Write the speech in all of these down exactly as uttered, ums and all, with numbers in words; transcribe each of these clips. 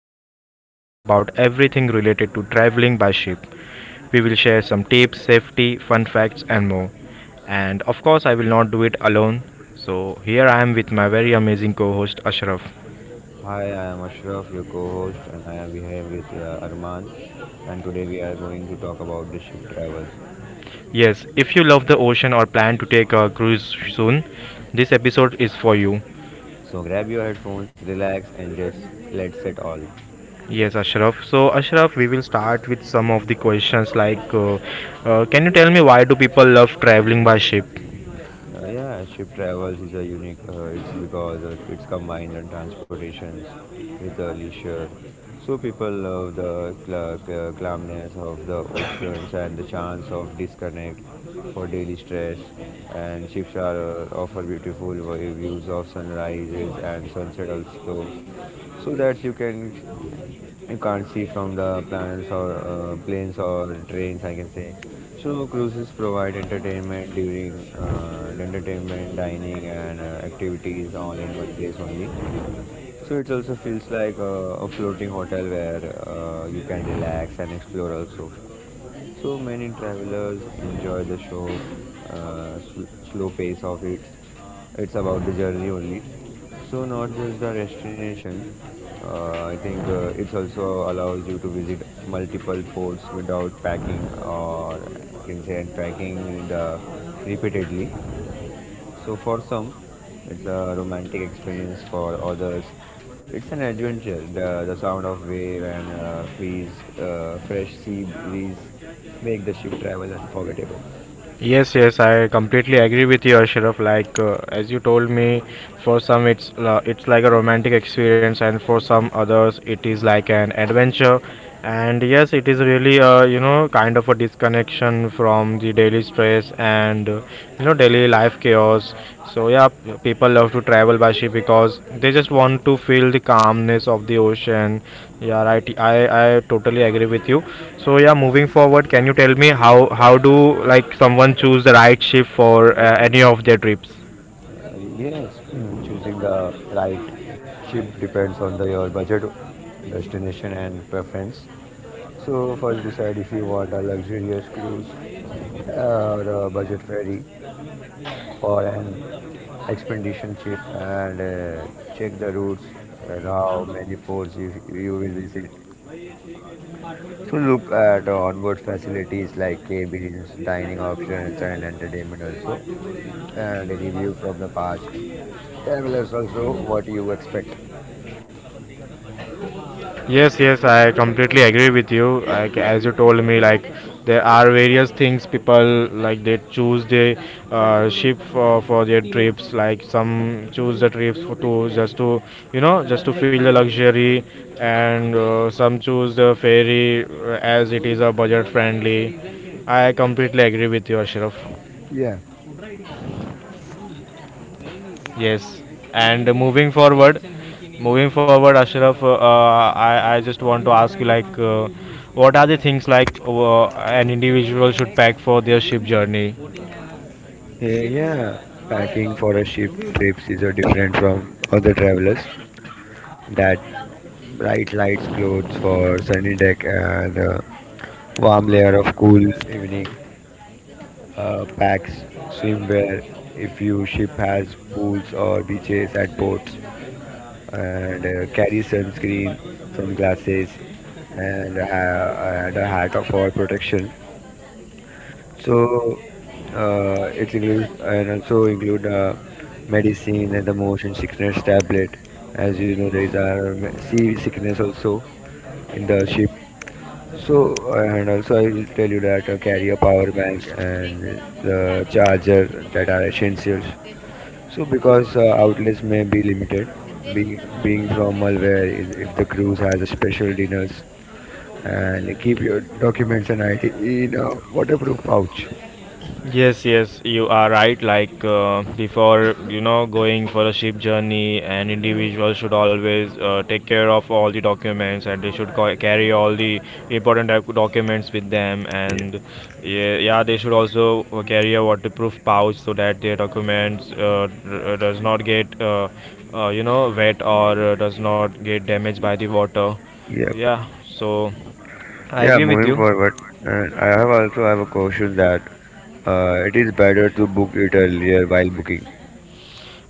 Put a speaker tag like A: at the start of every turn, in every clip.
A: podcast where we talk about everything related to traveling by ship. We will share some tips, safety, fun facts, and more. And of course, I will not do it alone. So, here I am with my very amazing co host Ashraf.
B: Hi, I am Ashraf, your co-host, and I am here with uh, Arman. And today we are going to talk about the ship travel.
A: Yes, if you love the ocean or plan to take a cruise soon, this episode is for you.
B: So grab your headphones, relax, and just let's set all.
A: Yes, Ashraf. So, Ashraf, we will start with some of the questions like uh, uh, Can you tell me why do people love traveling by ship?
B: Uh, yeah, ship travels is a unique. Uh, it's because uh, it's combined and transportations with uh, leisure. So people love the cl- cl- calmness of the oceans and the chance of disconnect for daily stress. And ships are uh, offer beautiful vi- views of sunrises and sunset also, so that you can you can't see from the planes or uh, planes or trains I can say. So cruises provide entertainment during uh, entertainment dining and uh, activities all in one place only. So it also feels like uh, a floating hotel where uh, you can relax and explore also. So many travelers enjoy the show, uh, sl- slow pace of it. It's about the journey only. So not just the destination. Uh, I think uh, it also allows you to visit multiple ports without packing or I can say unpacking the repeatedly. So for some, it's a romantic experience. For others, it's an adventure. The, the sound of wave and uh, freeze, uh, fresh sea breeze make the ship travel unforgettable.
A: Yes, yes, I completely agree with you, Ashraf. Like uh, as you told me, for some it's uh, it's like a romantic experience, and for some others it is like an adventure. And yes, it is really uh, you know kind of a disconnection from the daily stress and uh, you know daily life chaos. So yeah, p- people love to travel by ship because they just want to feel the calmness of the ocean, yeah, right. I, I totally agree with you. So yeah, moving forward, can you tell me how how do like someone choose the right ship for uh, any of their trips?
B: Uh, yes, mm, choosing the right ship depends on the, your budget, destination, and preference. So first decide if you want a luxurious cruise or a budget ferry. For an expedition trip and uh, check the routes and how many ports you, you will visit. So look at uh, onboard facilities like cabins, dining options, and entertainment also, and a review from the past travelers also what you expect.
A: Yes, yes, I completely agree with you. Like as you told me, like there are various things people like they choose the uh, ship for, for their trips. Like some choose the trips for to just to you know just to feel the luxury, and uh, some choose the ferry uh, as it is a budget friendly. I completely agree with you, Ashraf.
B: Yeah,
A: Yes, and moving forward, moving forward, Ashraf, uh, I I just want to ask you like, uh, what are the things like uh, an individual should pack for their ship journey?
B: yeah, yeah. Packing for a ship trips is a different from other travelers. That bright lights clothes for sunny deck and a warm layer of cool evening uh, packs, swimwear, if your ship has pools or beaches at ports, and uh, carry sunscreen, sunglasses, and, uh, and a hat for protection. So uh, it includes and also include uh, medicine and the motion sickness tablet. As you know, there is a um, sea sickness also in the ship. So and also I will tell you that uh, carry a power bank and the charger that are essentials. So, because uh, outlets may be limited, be, being from malware, if, if the cruise has a special dinners, and keep your documents and I D in a waterproof pouch.
A: Yes, yes, you are right. Like uh, before, you know, going for a ship journey, an individual should always uh, take care of all the documents, and they should ca- carry all the important doc- documents with them.
B: Yeah,
A: And yeah, yeah, they should also uh, carry a waterproof pouch so that their documents uh, r- does not get, uh, uh, you know, wet or uh, does not get damaged by the water.
B: yeah,
A: Yeah, so I
B: yeah.
A: agree with
B: Moving
A: you.
B: forward, and I have also have a caution that uh, it is better to book it earlier while booking.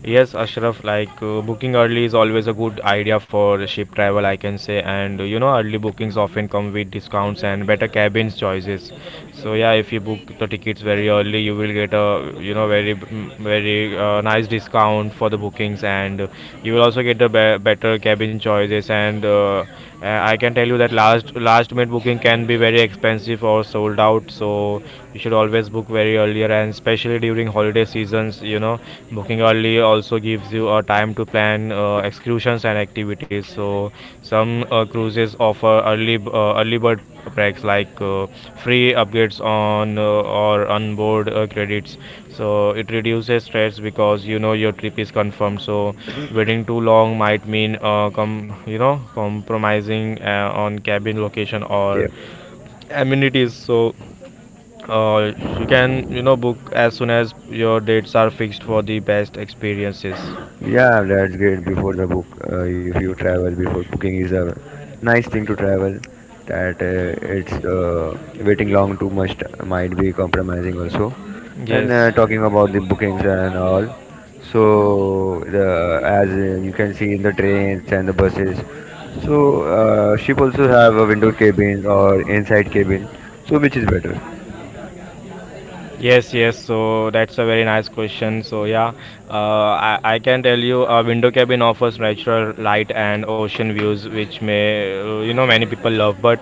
A: Yes, Ashraf, like uh, booking early is always a good idea for ship travel, I can say. And uh, you know, early bookings often come with discounts and better cabins choices. So yeah, if you book the tickets very early, you will get a you know very mm, very uh, nice discount for the bookings, and uh, you will also get a be better cabin choices and uh, uh, I can tell you that last last minute booking can be very expensive or sold out. So you should always book very earlier, and especially during holiday seasons, you know, booking early also gives you a time to plan uh, excursions and activities. So some uh, cruises offer early b- uh, early bird perks like uh, free upgrades on uh, or onboard uh, credits, so it reduces stress because you know your trip is confirmed. So waiting too long might mean uh, com- you know compromising uh, on cabin location or amenities. So uh, you can you know book as soon as your dates are fixed for the best experiences.
B: Yeah, that's great. Before the book, uh, if you travel before booking is a nice thing to travel. That uh, it's uh, waiting long too much might be compromising also. And
A: Yes.
B: uh, talking about the bookings and all, so the as uh, you can see in the trains and the buses, so uh, ship also have a window cabin or inside cabin, so which is better.
A: Yes, yes. So that's a very nice question. So yeah, uh, I, I can tell you a window cabin offers natural light and ocean views, which may uh, you know many people love, but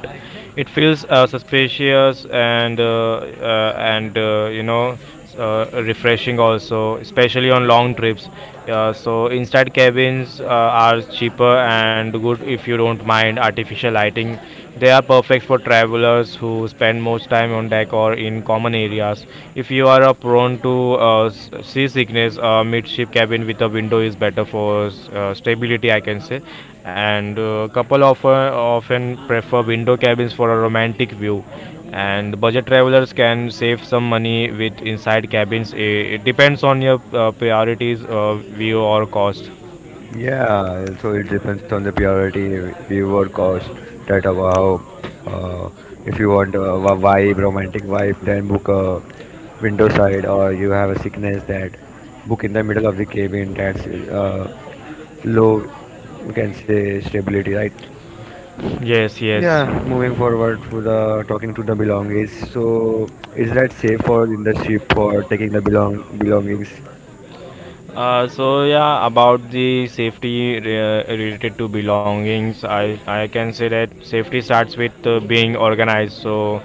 A: it feels uh, suspicious and uh, uh, and uh, you know uh, refreshing also, especially on long trips. Uh, so inside cabins uh, are cheaper and good if you don't mind artificial lighting. They are perfect for travelers who spend most time on deck or in common areas. If you are uh, prone to uh, s- seasickness, a midship cabin with a window is better for uh, stability, I can say. And uh, couple of, uh, often prefer window cabins for a romantic view. And budget travelers can save some money with inside cabins. I- It depends on your uh, priorities, uh, view, or cost.
B: Yeah, so it depends on the purity, viewer cost, that uh, wow, uh, if you want a wa- vibe, romantic vibe, then book a window side, or you have a sickness that book in the middle of the cabin. That's uh, low, we can say stability, right?
A: Yes, yes.
B: Yeah, moving forward for the talking to the belongings. So, is that safe for in the ship for taking the belong belongings?
A: Uh, so yeah, about the safety re- uh, related to belongings, I I can say that safety starts with uh, being organized. So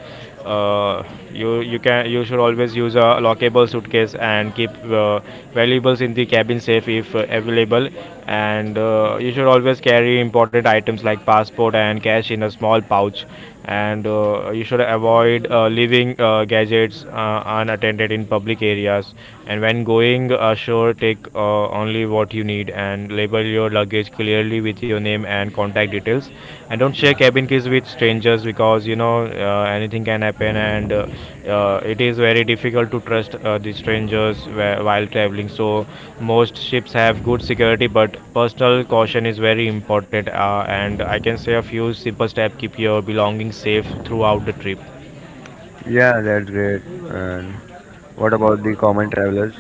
A: uh, you you can you should always use a lockable suitcase and keep uh, valuables in the cabin safe if uh, available. And uh, you should always carry important items like passport and cash in a small pouch, and uh, you should avoid uh, leaving uh, gadgets uh, unattended in public areas, and when going ashore take uh, only what you need and label your luggage clearly with your name and contact details, and don't share cabin keys with strangers because you know know uh, anything can happen, and uh, uh, it is very difficult to trust uh, the strangers whe- while traveling. So most ships have good security, but personal caution is very important, uh, and I can say a few simple steps keep your belongings safe throughout the trip.
B: Yeah, that's great. And what about the common travelers?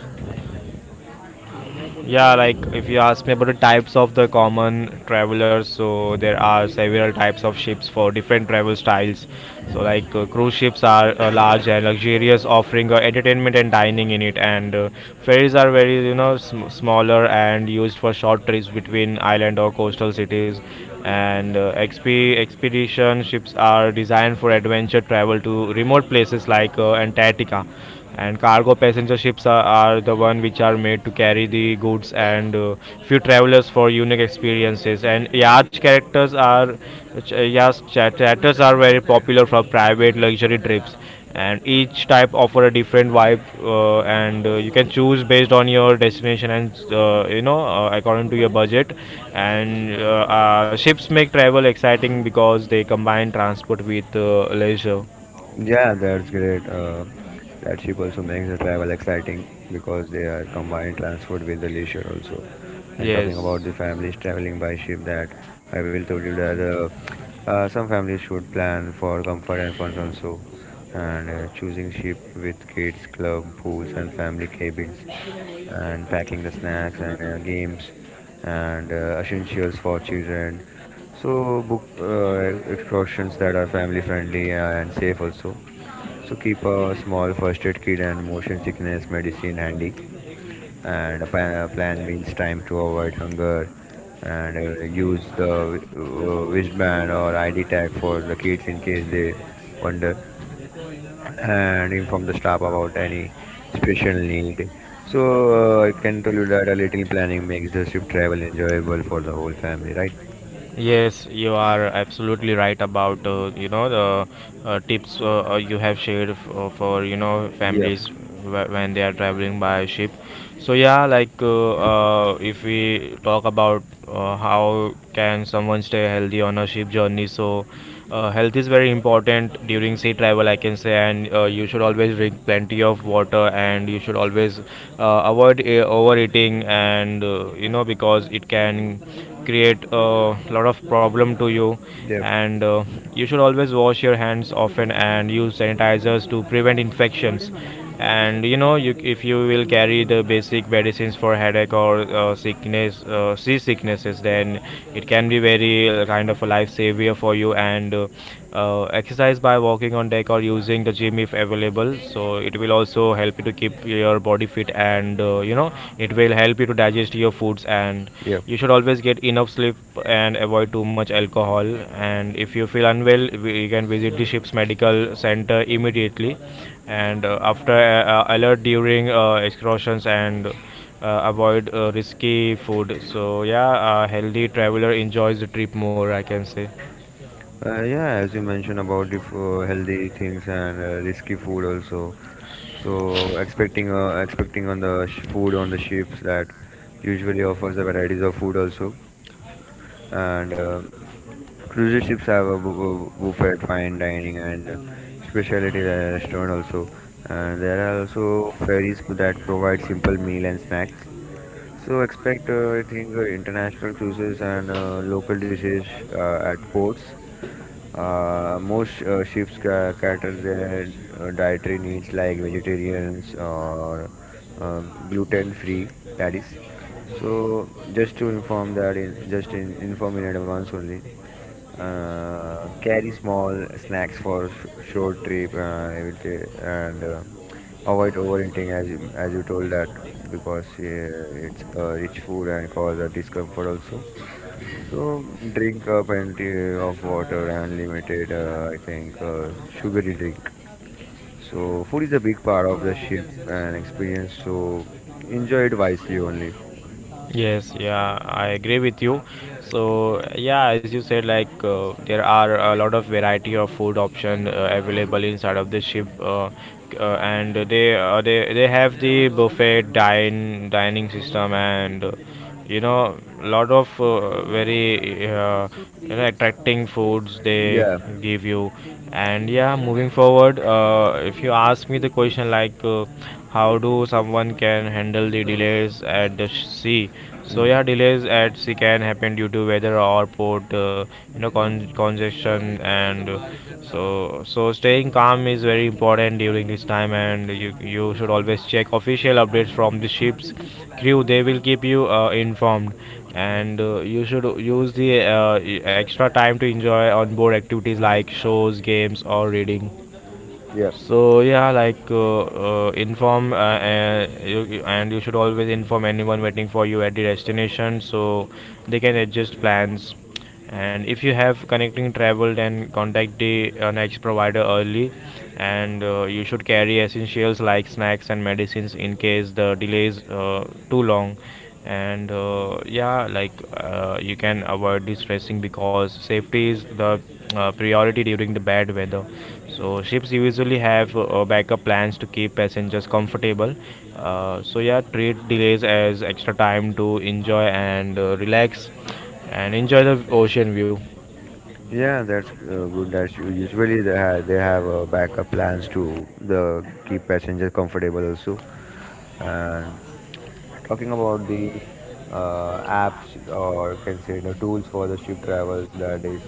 A: Yeah, like if you ask me about the types of the common travelers, so there are several types of ships for different travel styles. So, like uh, cruise ships are uh, large and luxurious, offering uh, entertainment and dining in it, and uh, ferries are very you know sm- smaller and used for short trips between island or coastal cities. And uh, X P expedition ships are designed for adventure travel to remote places like uh, Antarctica, and cargo passenger ships are, are the one which are made to carry the goods and uh, few travelers for unique experiences, and yacht characters are ch- uh, yacht characters are very popular for private luxury trips. And each type offer a different vibe, uh, and uh, you can choose based on your destination and uh, you know uh, according to your budget. And uh, uh, ships make travel exciting because they combine transport with uh, leisure.
B: Yeah, that's great. Uh, that ship also makes the travel exciting because they are combined transport with the leisure also. And talking about
A: Yes.
B: the families traveling by ship, that I will tell you that uh, uh, some families should plan for comfort and fun also. And uh, choosing ship with kids, club, pools, and family cabins, and packing the snacks and uh, games and uh, essentials for children. So book uh, excursions that are family friendly uh, and safe also. So keep a small first aid kit and motion sickness medicine handy, and a plan, a plan meals time to avoid hunger, and uh, use the uh, wristband or I D tag for the kids in case they wonder, and inform the staff about any special need. So uh, I can tell you that a little planning makes the trip travel enjoyable for the whole family, right?
A: Yes, you are absolutely right about uh, you know the uh, tips uh, uh, you have shared f- uh, for you know
B: Yeah.
A: families wh- when they are traveling by ship. So yeah, like uh, uh, if we talk about uh, how can someone stay healthy on a ship journey. So uh, health is very important during sea travel, I can say, and uh, you should always drink plenty of water, and you should always uh, avoid uh, overeating, and uh, you know because it can create a lot of problem to you.
B: Yep,
A: And uh, you should always wash your hands often and use sanitizers to prevent infections. And you know, you, if you will carry the basic medicines for headache or uh, sickness uh, sea sicknesses, then it can be very uh, kind of a life savior for you. And uh, uh, exercise by walking on deck or using the gym if available, so it will also help you to keep your body fit, and uh, you know it will help you to digest your foods. And
B: yep.
A: you should always get enough sleep and avoid too much alcohol. And if you feel unwell, we- you can visit the ship's medical center immediately. And uh, after uh, uh, alert during uh, excursions, and uh, avoid uh, risky food. So yeah, a healthy traveler enjoys the trip more, I can say.
B: Uh, yeah, as you mentioned about the f- uh, healthy things and uh, risky food also. So expecting uh, expecting on the sh- food on the ships that usually offers a varieties of food also. And uh, cruise ships have a bu- bu- buffet, fine dining, and uh, specialty restaurant also. And there are also ferries that provide simple meal and snacks. So expect uh, I think uh, international cruises and uh, local dishes uh, at ports. Uh, most uh, ships ca cater their uh, dietary needs like vegetarians or uh, gluten-free, that is. So just to inform that in just in inform in advance only. Uh, carry small snacks for sh short trip, uh, I will say, and uh, avoid overeating as you, as you told that because uh, it's uh, rich food and cause a discomfort also. So drink a plenty of water and limited, uh, I think, uh, sugary drink. So food is a big part of the ship and experience. So enjoy it wisely only.
A: Yes, yeah, I agree with you. So, yeah, as you said, like uh, there are a lot of variety of food option uh, available inside of the ship, uh, c- uh, and they uh, they they have the buffet dine dining system. And. Uh, you know lot of uh, very uh, you know attracting foods they
B: Yeah.
A: give you. And yeah, moving forward, uh, if you ask me the question like uh, how do someone can handle the delays at the sh- sea. So yeah,
B: Mm.
A: delays at sea can happen due to weather or port uh, you know con- congestion, and uh, so so staying calm is very important during this time, and you you should always check official updates from the ship's crew. They will keep you uh, informed. And uh, you should use the uh, e- extra time to enjoy onboard activities like shows, games, or reading.
B: Yeah.
A: So yeah, like uh, uh, inform uh, uh, you, and you should always inform anyone waiting for you at the destination so they can adjust plans. And if you have connecting travel, then contact the uh, next provider early. And uh, you should carry essentials like snacks and medicines in case the delays uh, too long. And uh, yeah like uh, you can avoid distressing because safety is the uh, priority during the bad weather. So ships usually have uh, backup plans to keep passengers comfortable. Uh, so yeah, treat delays as extra time to enjoy and uh, relax and enjoy the ocean view.
B: Yeah, that's uh, good. That's u- usually they have, they have uh, backup plans to the keep passengers comfortable also. And talking about the uh, apps or can say the tools for the ship travels, that is,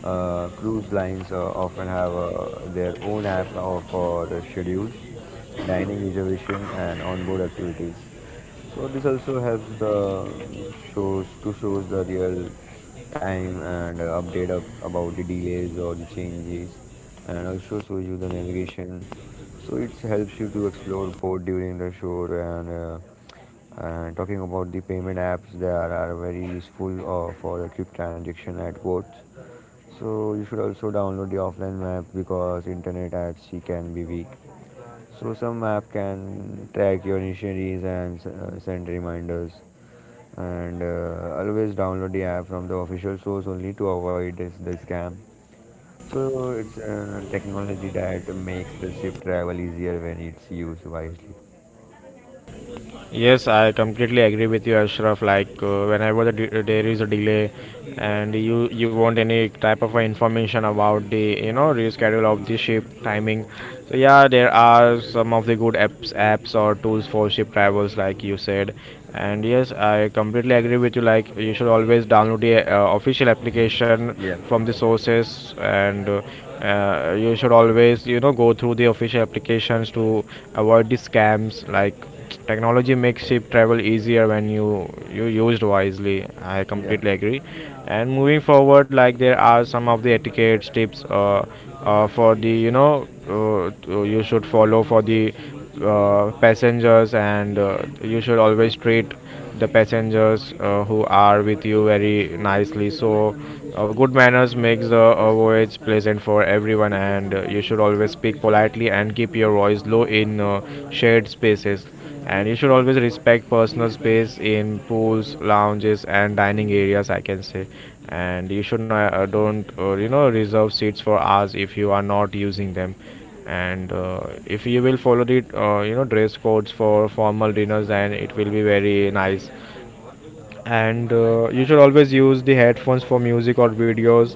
B: uh, cruise lines uh, often have uh, their own app uh, for schedules, dining reservation, and onboard activities. So this also helps the shows to shows the real time and uh, update of about the delays or the changes, and also shows you the navigation. So it helps you to explore port during the show and. Uh, and talking about the payment apps they are, are very useful uh, for a quick transaction at ports, so you should also download the offline map because internet at sea can be weak. So some app can track your initiaries and uh, send reminders. And uh, always download the app from the official source only to avoid this, the scam. So it's uh, technology that makes the ship travel easier when it's used wisely.
A: Yes, I completely agree with you, Ashraf. Like uh, whenever the de- there is a delay, and you you want any type of information about the you know reschedule of the ship timing. So yeah, there are some of the good apps apps or tools for ship travels, like you said. And yes, I completely agree with you. Like you should always download the uh, official application
B: Yeah,
A: from the sources, and uh, uh, you should always you know go through the official applications to avoid the scams like technology makes ship travel easier when you you used wisely. I
B: yeah,
A: completely agree. And moving forward, like there are some of the etiquettes tips uh, uh, for the you know uh, to- you should follow for the uh, passengers, and uh, you should always treat the passengers uh, who are with you very nicely. So, uh, good manners makes the uh, voyage pleasant for everyone, and uh, you should always speak politely and keep your voice low in uh, shared spaces. And you should always respect personal space in pools, lounges, and dining areas, I can say, and you should not uh, don't uh, you know reserve seats for hours if you are not using them, and uh, if you will follow the uh, you know dress codes for formal dinners, then it will be very nice, and uh, you should always use the headphones for music or videos,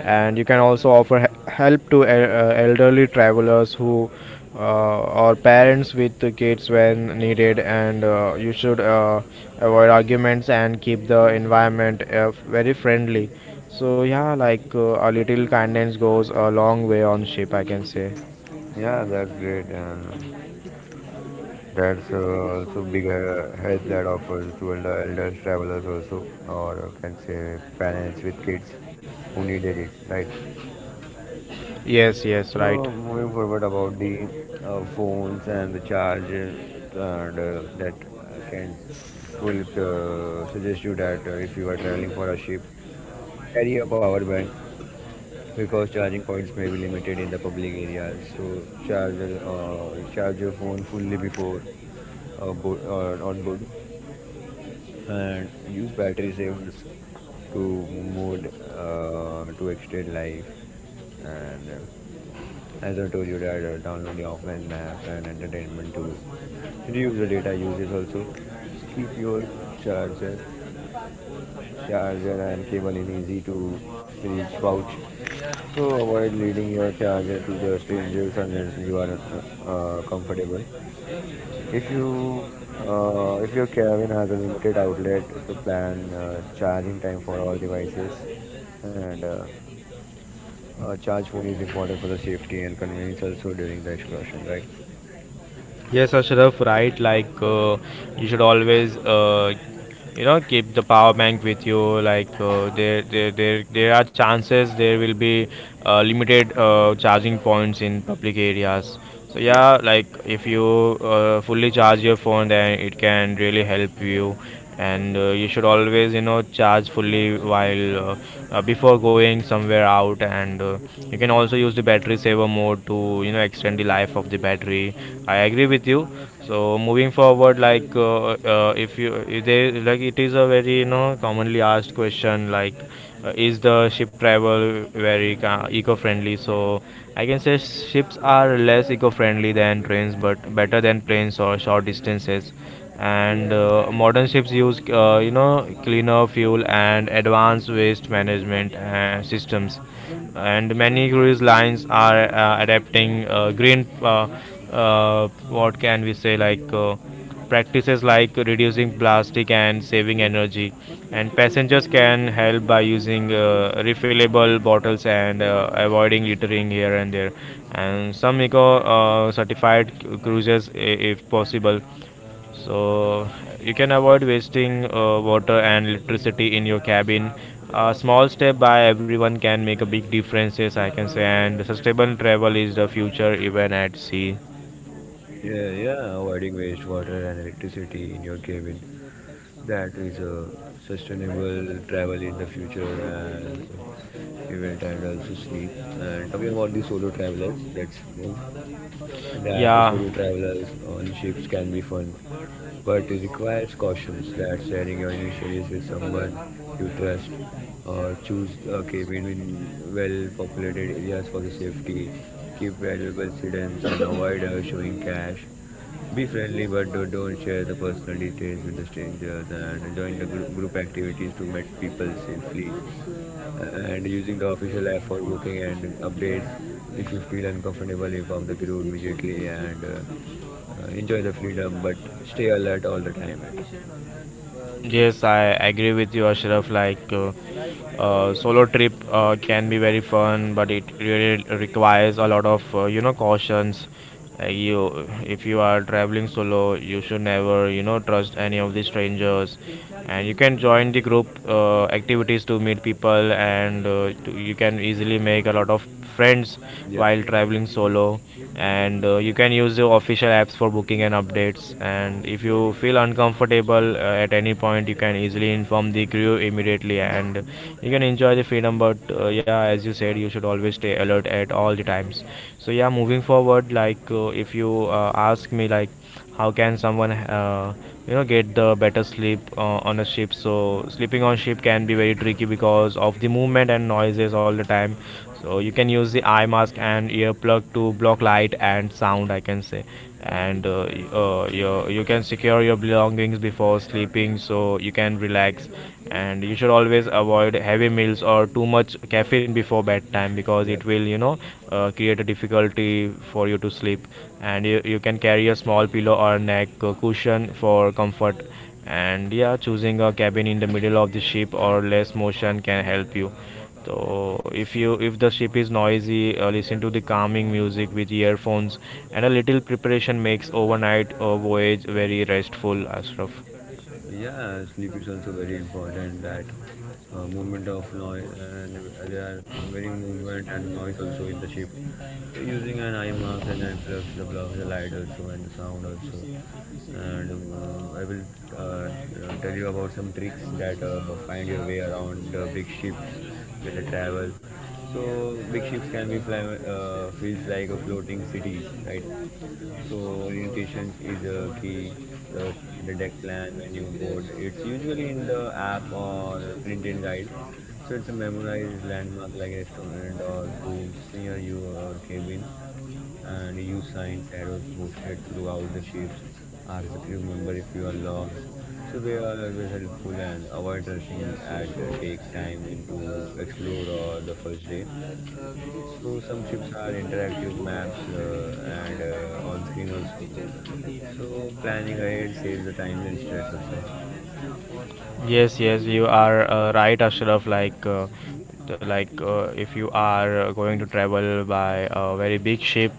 A: and you can also offer he- help to el- uh, elderly travelers who uh, or parents with the kids when needed, and uh, you should uh, avoid arguments and keep the environment uh, very friendly. So yeah, like uh, a little kindness goes a long way on ship, I can say.
B: yeah. That's great, and that's uh, also big uh, help that offers to elder, elders travelers also, or uh, can say parents with kids who needed it, right?
A: Yes, yes, right.
B: So moving forward about the uh, phones and the charger and uh, that uh, can will uh, suggest you that uh, if you are traveling for a ship, carry a power bank because charging points may be limited in the public areas. So charger, uh, charge your phone fully before uh, bo- uh, on board, and use battery savers to mode uh, to extend life and. uh, As I told you that uh, download the offline maps and entertainment to reduce the data usage also. So keep your charger, charger and cable in easy to reach pouch. So avoid leading your charger to the strangers unless you are uh, uh, comfortable. If you uh, if your cabin has a limited outlet to plan uh, charging time for all devices, and uh, a charge phone is important for the safety and convenience also during the excursion, right?
A: Yes, Ashraf, right. Like uh, you should always, uh, you know, keep the power bank with you. Like uh, there, there, there, there are chances there will be uh, limited uh, charging points in public areas. So
B: Yeah.
A: yeah, like if you uh, fully charge your phone, then it can really help you, and uh, you should always you know charge fully while uh, uh, before going somewhere out, and uh, you can also use the battery saver mode to you know extend the life of the battery. I agree with you. So moving forward, like uh, uh, if you if they, like, it is a very you know commonly asked question, like uh, is the ship travel very ca- eco-friendly? So I can say ships are less eco-friendly than trains but better than planes or short distances, and uh, modern ships use uh, you know cleaner fuel and advanced waste management uh, systems, and many cruise lines are uh, adapting uh, green, uh, uh, what can we say, like uh, practices like reducing plastic and saving energy, and passengers can help by using uh, refillable bottles and uh, avoiding littering here and there. And some eco uh, certified cru- cruises, i- if possible, so you can avoid wasting uh, water and electricity in your cabin. A small step by everyone can make a big difference, yes, I can say. And sustainable travel is the future, even at sea.
B: Yeah, yeah, avoiding wastewater and electricity in your cabin. That is a sustainable travel in the future and event and also sleep. And talking about the solo travelers, let's move. That
A: Yeah,
B: solo travelers on ships can be fun, but it requires cautions that sharing your initials with someone you trust or choose a cabin in well populated areas for the safety. Keep valuables hidden and avoid uh, showing cash, be friendly, but do- don't share the personal details with the strangers, and join the gr- group activities to meet people safely. Uh, And using the official app for booking and updates. If you feel uncomfortable, inform the crew immediately and uh, uh, enjoy the freedom, but stay alert all the time. It.
A: yes, I agree with you, Ashraf. Like, uh, uh, solo trip uh, can be very fun, but it really requires a lot of uh, you know cautions. Uh, you, if you are traveling solo, you should never you know trust any of the strangers, and you can join the group uh, activities to meet people, and uh, to, you can easily make a lot of friends
B: Yep.
A: while traveling solo, and uh, you can use the official apps for booking and updates, and if you feel uncomfortable uh, at any point, you can easily inform the crew immediately, and you can enjoy the freedom, but uh, yeah, as you said, you should always stay alert at all the times. So yeah, moving forward, like uh, if you uh, ask me, like, how can someone uh, you know get the better sleep uh, on a ship? So sleeping on ship can be very tricky because of the movement and noises all the time. So you can use the eye mask and earplug to block light and sound, I can say, and uh, y- uh, you, you can secure your belongings before sleeping so you can relax, and you should always avoid heavy meals or too much caffeine before before bedtime because it
B: Yep.
A: will you know uh, create a difficulty for you to sleep, and you, you can carry a small pillow or neck uh, cushion for comfort, and yeah, choosing a cabin in the middle of the ship or less motion can help you. So if you if the ship is noisy, uh, listen to the calming music with earphones, and a little preparation makes overnight uh, voyage very restful, Ashraf.
B: Yeah, sleep is also very important. That uh, movement of noise and uh, there are very movement and noise also in the ship. Using an IMAX and it blocks the blocks the light also and the sound also. And uh, I will uh, uh, tell you about some tricks that uh, find your way around the big ships that travel. So big ships can be fly, uh, feels like a floating cities, right? So orientation is a key. uh, the deck plan when you board, it's usually in the app or a printed guide. So it's a memorized landmark like restaurant or pools near your cabin, and you signs arrows posted throughout the ships. Ask the crew member if you are lost. So they are always helpful, and avoid rushing and take time into explore or the first day. So some ships are interactive maps uh, and uh, on screen also. So planning ahead saves the time and stress also.
A: Yes, yes, you are uh, right, Ashraf. Like, uh, the- like uh, if you are uh, going to travel by a very big ship,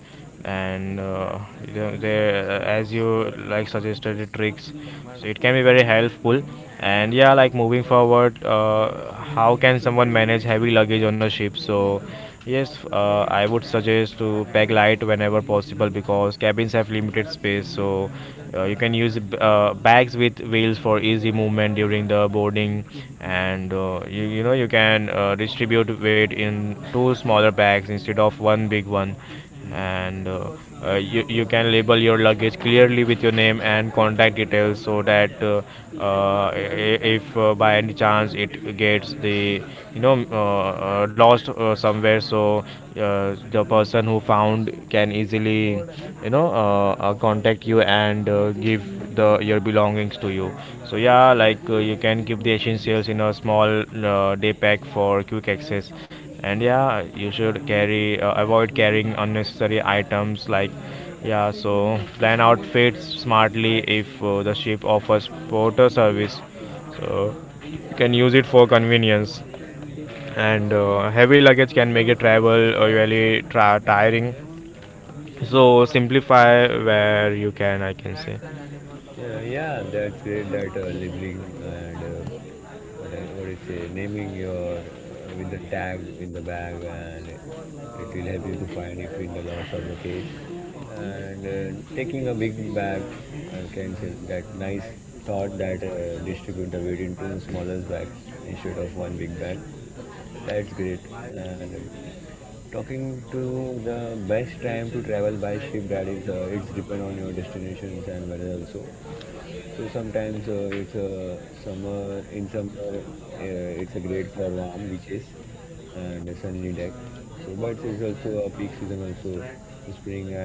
A: and uh, you know, there, uh, as you like suggested, the tricks, so it can be very helpful. And yeah, like moving forward, uh, how can someone manage heavy luggage on a ship? So yes, uh, I would suggest to pack light whenever possible because cabins have limited space. So, uh, you can use uh, bags with wheels for easy movement during the boarding, and uh, you, you know you can uh, distribute weight in two smaller bags instead of one big one,
B: Hmm.
A: and uh, uh, you, you can label your luggage clearly with your name and contact details so that uh, uh, i- if uh, by any chance it gets the you know uh, uh, lost uh, somewhere, so uh, the person who found can easily you know uh, uh, contact you and uh, give the your belongings to you. So yeah, like uh, you can keep the essentials in a small uh, day pack for quick access, and yeah, you should carry uh, avoid carrying unnecessary items like, yeah. So plan outfits smartly. If uh, the ship offers porter service, so you can use it for convenience, and uh, heavy luggage can make a travel uh, really tra- tiring, so simplify where you can, I can say.
B: Yeah, yeah, that's great that uh, labeling and uh, what, I, what I say, naming your uh, with the tag in the bag, and it will help you to find if in the loss of the case. And uh, taking a big bag uh, can sell that nice thought that uh, distribute the weight into the smallest bag instead of one big bag. That's great. And talking to the best time to travel by ship that is uh, it's depend on your destinations and weather also. So sometimes uh, it's a summer in summer uh, it's a great for warm beaches and a sunny deck, so but it's also a peak season also. Spring at,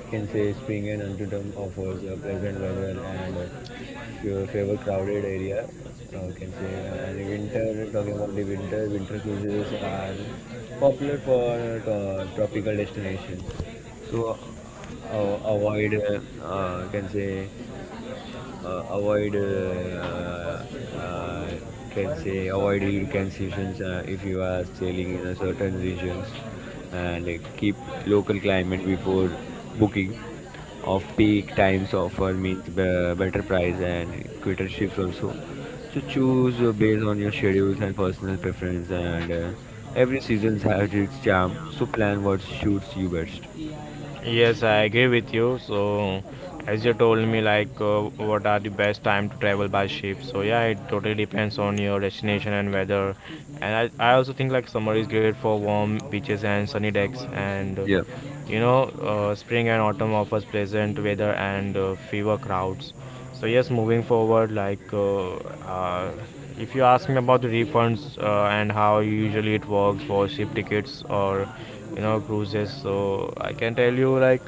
B: can say, Springen and Antietam offers a pleasant weather and a favor crowded area. Uh, can say, and winter, talking about the winter winter cruises are popular for uh, to- tropical destinations. So uh, avoid uh, uh, can say uh, avoid uh, uh, can say avoid hurricane seasons uh, if you are sailing in a certain regions, and keep local climate before booking of peak times offer means be- better price and quicker shifts also. So choose uh, based on your schedules and personal preference, and uh, every season has its charm. So plan what suits you best.
A: Yes, I agree with you. So, as you told me, like, uh, what are the best time to travel by ship? So yeah, it totally depends on your destination and weather. And I, I also think like summer is great for warm beaches and sunny decks. And uh,
B: Yeah.
A: you know, uh, spring and autumn offers pleasant weather and uh, fewer crowds. So yes, moving forward, like, uh, uh, if you ask me about the refunds uh, and how usually it works for ship tickets or you know cruises, so I can tell you, like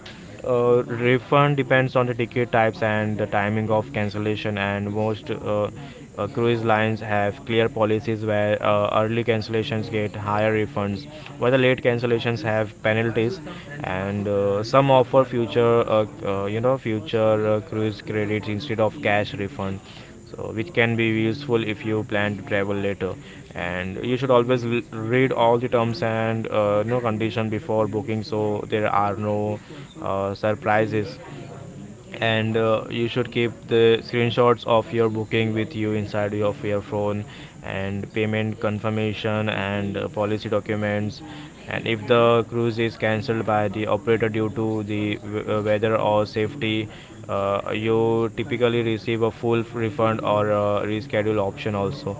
A: uh, refund depends on the ticket types and the timing of cancellation. And most uh, uh, cruise lines have clear policies where uh, early cancellations get higher refunds, while the late cancellations have penalties. And uh, some offer future uh, uh, you know future uh, cruise credits instead of cash refund, so which can be useful if you plan to travel later, and you should always read all the terms and uh, no condition before booking, so there are no uh, surprises, and uh, you should keep the screenshots of your booking with you inside of your phone and payment confirmation and uh, policy documents. And if the cruise is cancelled by the operator due to the uh, weather or safety, uh, you typically receive a full refund or a reschedule option also.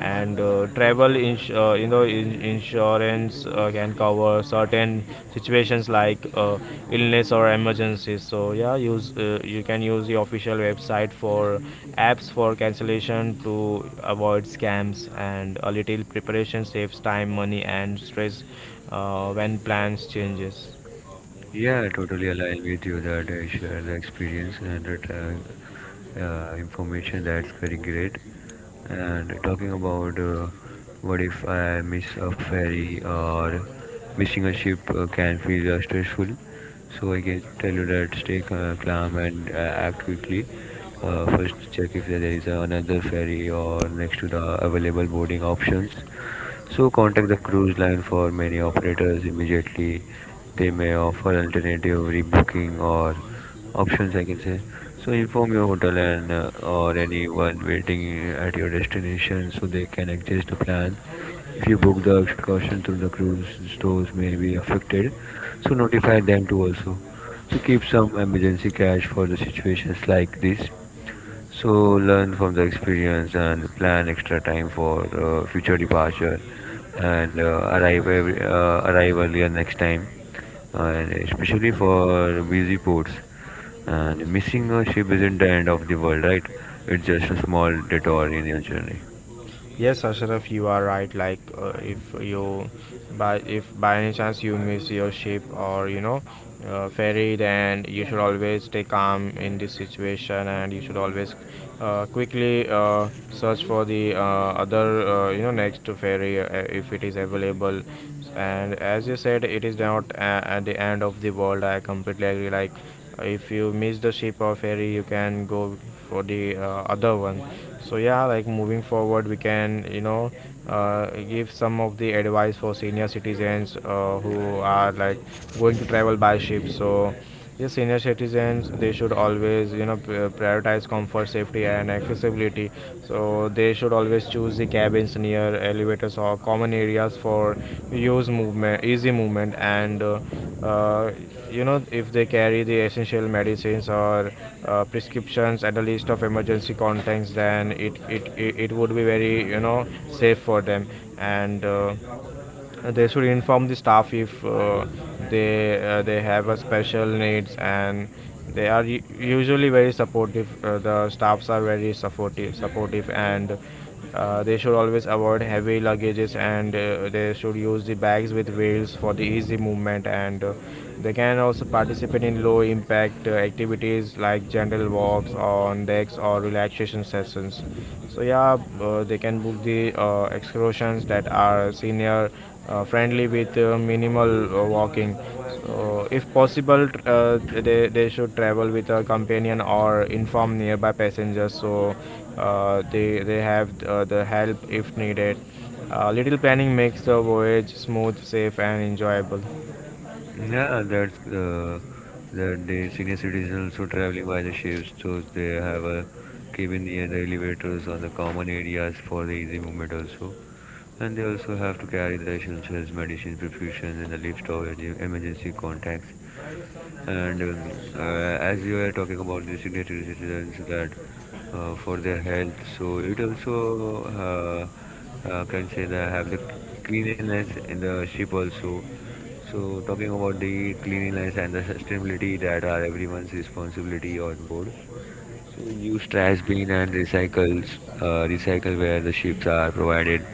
A: And uh, travel ins- uh, you know in- insurance uh, can cover certain situations like uh, illness or emergencies. So yeah, use uh, you can use the official website for apps for cancellation to avoid scams, and a little preparation saves time, money, and stress uh, when plans changes.
B: Yeah, I totally align with you that I share the experience, and that uh, uh, information that's very great. And talking about uh, what if I miss a ferry or missing a ship uh, can feel uh, stressful. So I can tell you that stay ca- calm and uh, act quickly. Uh, first, check if there is another ferry or next to the available boarding options. So contact the cruise line for many operators immediately. They may offer alternative rebooking or options, I can say. So inform your hotel and uh, or anyone waiting at your destination so they can adjust the plan. If you book the excursion through the cruise, stores may be affected. So notify them too also. So keep some emergency cash for the situations like this. So learn from the experience and plan extra time for uh, future departure, and uh, arrive every, uh, arrive earlier next time, and especially for busy ports. And missing a ship isn't the end of the world, right? It's just a small detour in your journey.
A: Yes, Ashraf, you are right. Like, uh, if you by if by any chance you miss your ship or you know uh, ferry, then you should always stay calm in this situation, and you should always uh, quickly uh, search for the uh, other uh, you know next ferry uh, if it is available. And as you said, it is not a- at the end of the world. I completely agree. Like, if you miss the ship or ferry, you can go for the uh, other one. So yeah, like moving forward, we can you know uh, give some of the advice for senior citizens uh, who are like going to travel by ship. So yes, senior citizens, they should always you know p- uh, prioritize comfort, safety, and accessibility. So they should always choose the cabins near elevators or common areas for use movement easy movement, and uh, uh, you know, if they carry the essential medicines or uh, prescriptions and a list of emergency contacts, then it it, it it would be very you know safe for them, and uh, they should inform the staff if uh, they uh, they have a special needs, and they are u- usually very supportive, uh, the staffs are very supportive supportive, and uh, they should always avoid heavy luggages, and uh, they should use the bags with wheels for the easy movement, and uh, they can also participate in low impact uh, activities like general walks on decks or relaxation sessions. So yeah, uh, they can book the uh, excursions that are senior uh, friendly with uh, minimal uh, walking. So, if possible, tr- uh, they, they should travel with a companion or inform nearby passengers, so uh, they, they have uh, the help if needed. Uh, little planning makes the voyage smooth, safe, and enjoyable.
B: Yeah, that's uh, that the senior citizens also traveling by the ships, so they have a cabin near the elevators on the common areas for the easy movement also. And they also have to carry the essentials, medicine, prescriptions, and the list of emerg- emergency contacts. And um, uh, as you were talking about the senior citizens that uh, for their health, so it also uh, uh, can say that have the cleanliness in the ship also. So, talking about the cleanliness and the sustainability that are everyone's responsibility on board. So, use trash bin and recycles, uh, recycle where the ships are provided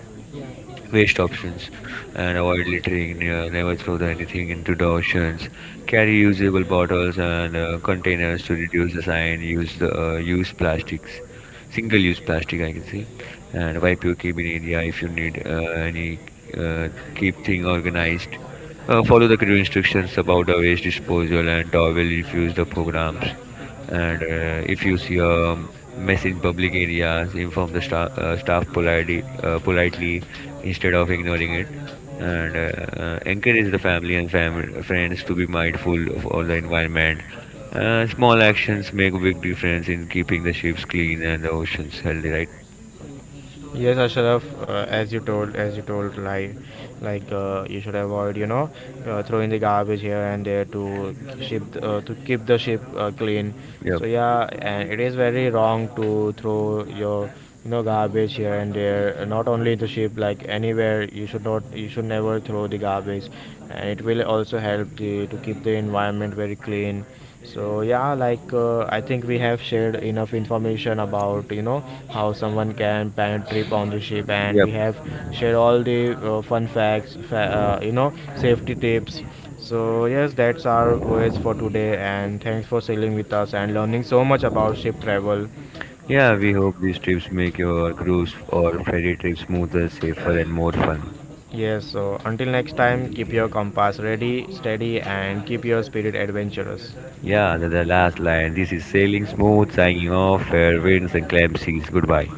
B: waste options, and avoid littering. Ne- never throw the anything into the oceans. Carry usable bottles and uh, containers to reduce the sign use the uh, use plastics, single use plastic, I can say. And wipe your cabin area if you need uh, any uh, keep thing organized. Uh, follow the clear instructions about the waste disposal and towel refuse the programs. And uh, if you see a mess in public areas, inform the staff, uh, staff politely, uh, politely, instead of ignoring it. And uh, uh, encourage the family and fam- friends to be mindful of all the environment. Uh, small actions make a big difference in keeping the ships clean and the oceans healthy, right?
A: Yes, Ashraf, uh, as you told, as you told, like, like uh, you should avoid, you know, uh, throwing the garbage here and there to ship, uh, to keep the ship uh, clean.
B: Yep,
A: So yeah, and it is very wrong to throw your, you know, garbage here and there. uh, Not only the ship, like anywhere, you should not, you should never throw the garbage, and it will also help the to keep the environment very clean. So yeah, like uh, I think we have shared enough information about you know how someone can plan a trip on the ship, and
B: yep.
A: we have shared all the uh, fun facts, fa- uh, you know, safety tips. So yes, that's our voyage for today, and thanks for sailing with us and learning so much about ship travel.
B: Yeah, we hope these trips make your cruise or ferry trip smoother, safer, and more fun.
A: Yes, so until next time, keep your compass ready, steady, and keep your spirit adventurous.
B: Yeah, the, the last line. This is sailing smooth, signing off, fair winds and calm seas. Goodbye.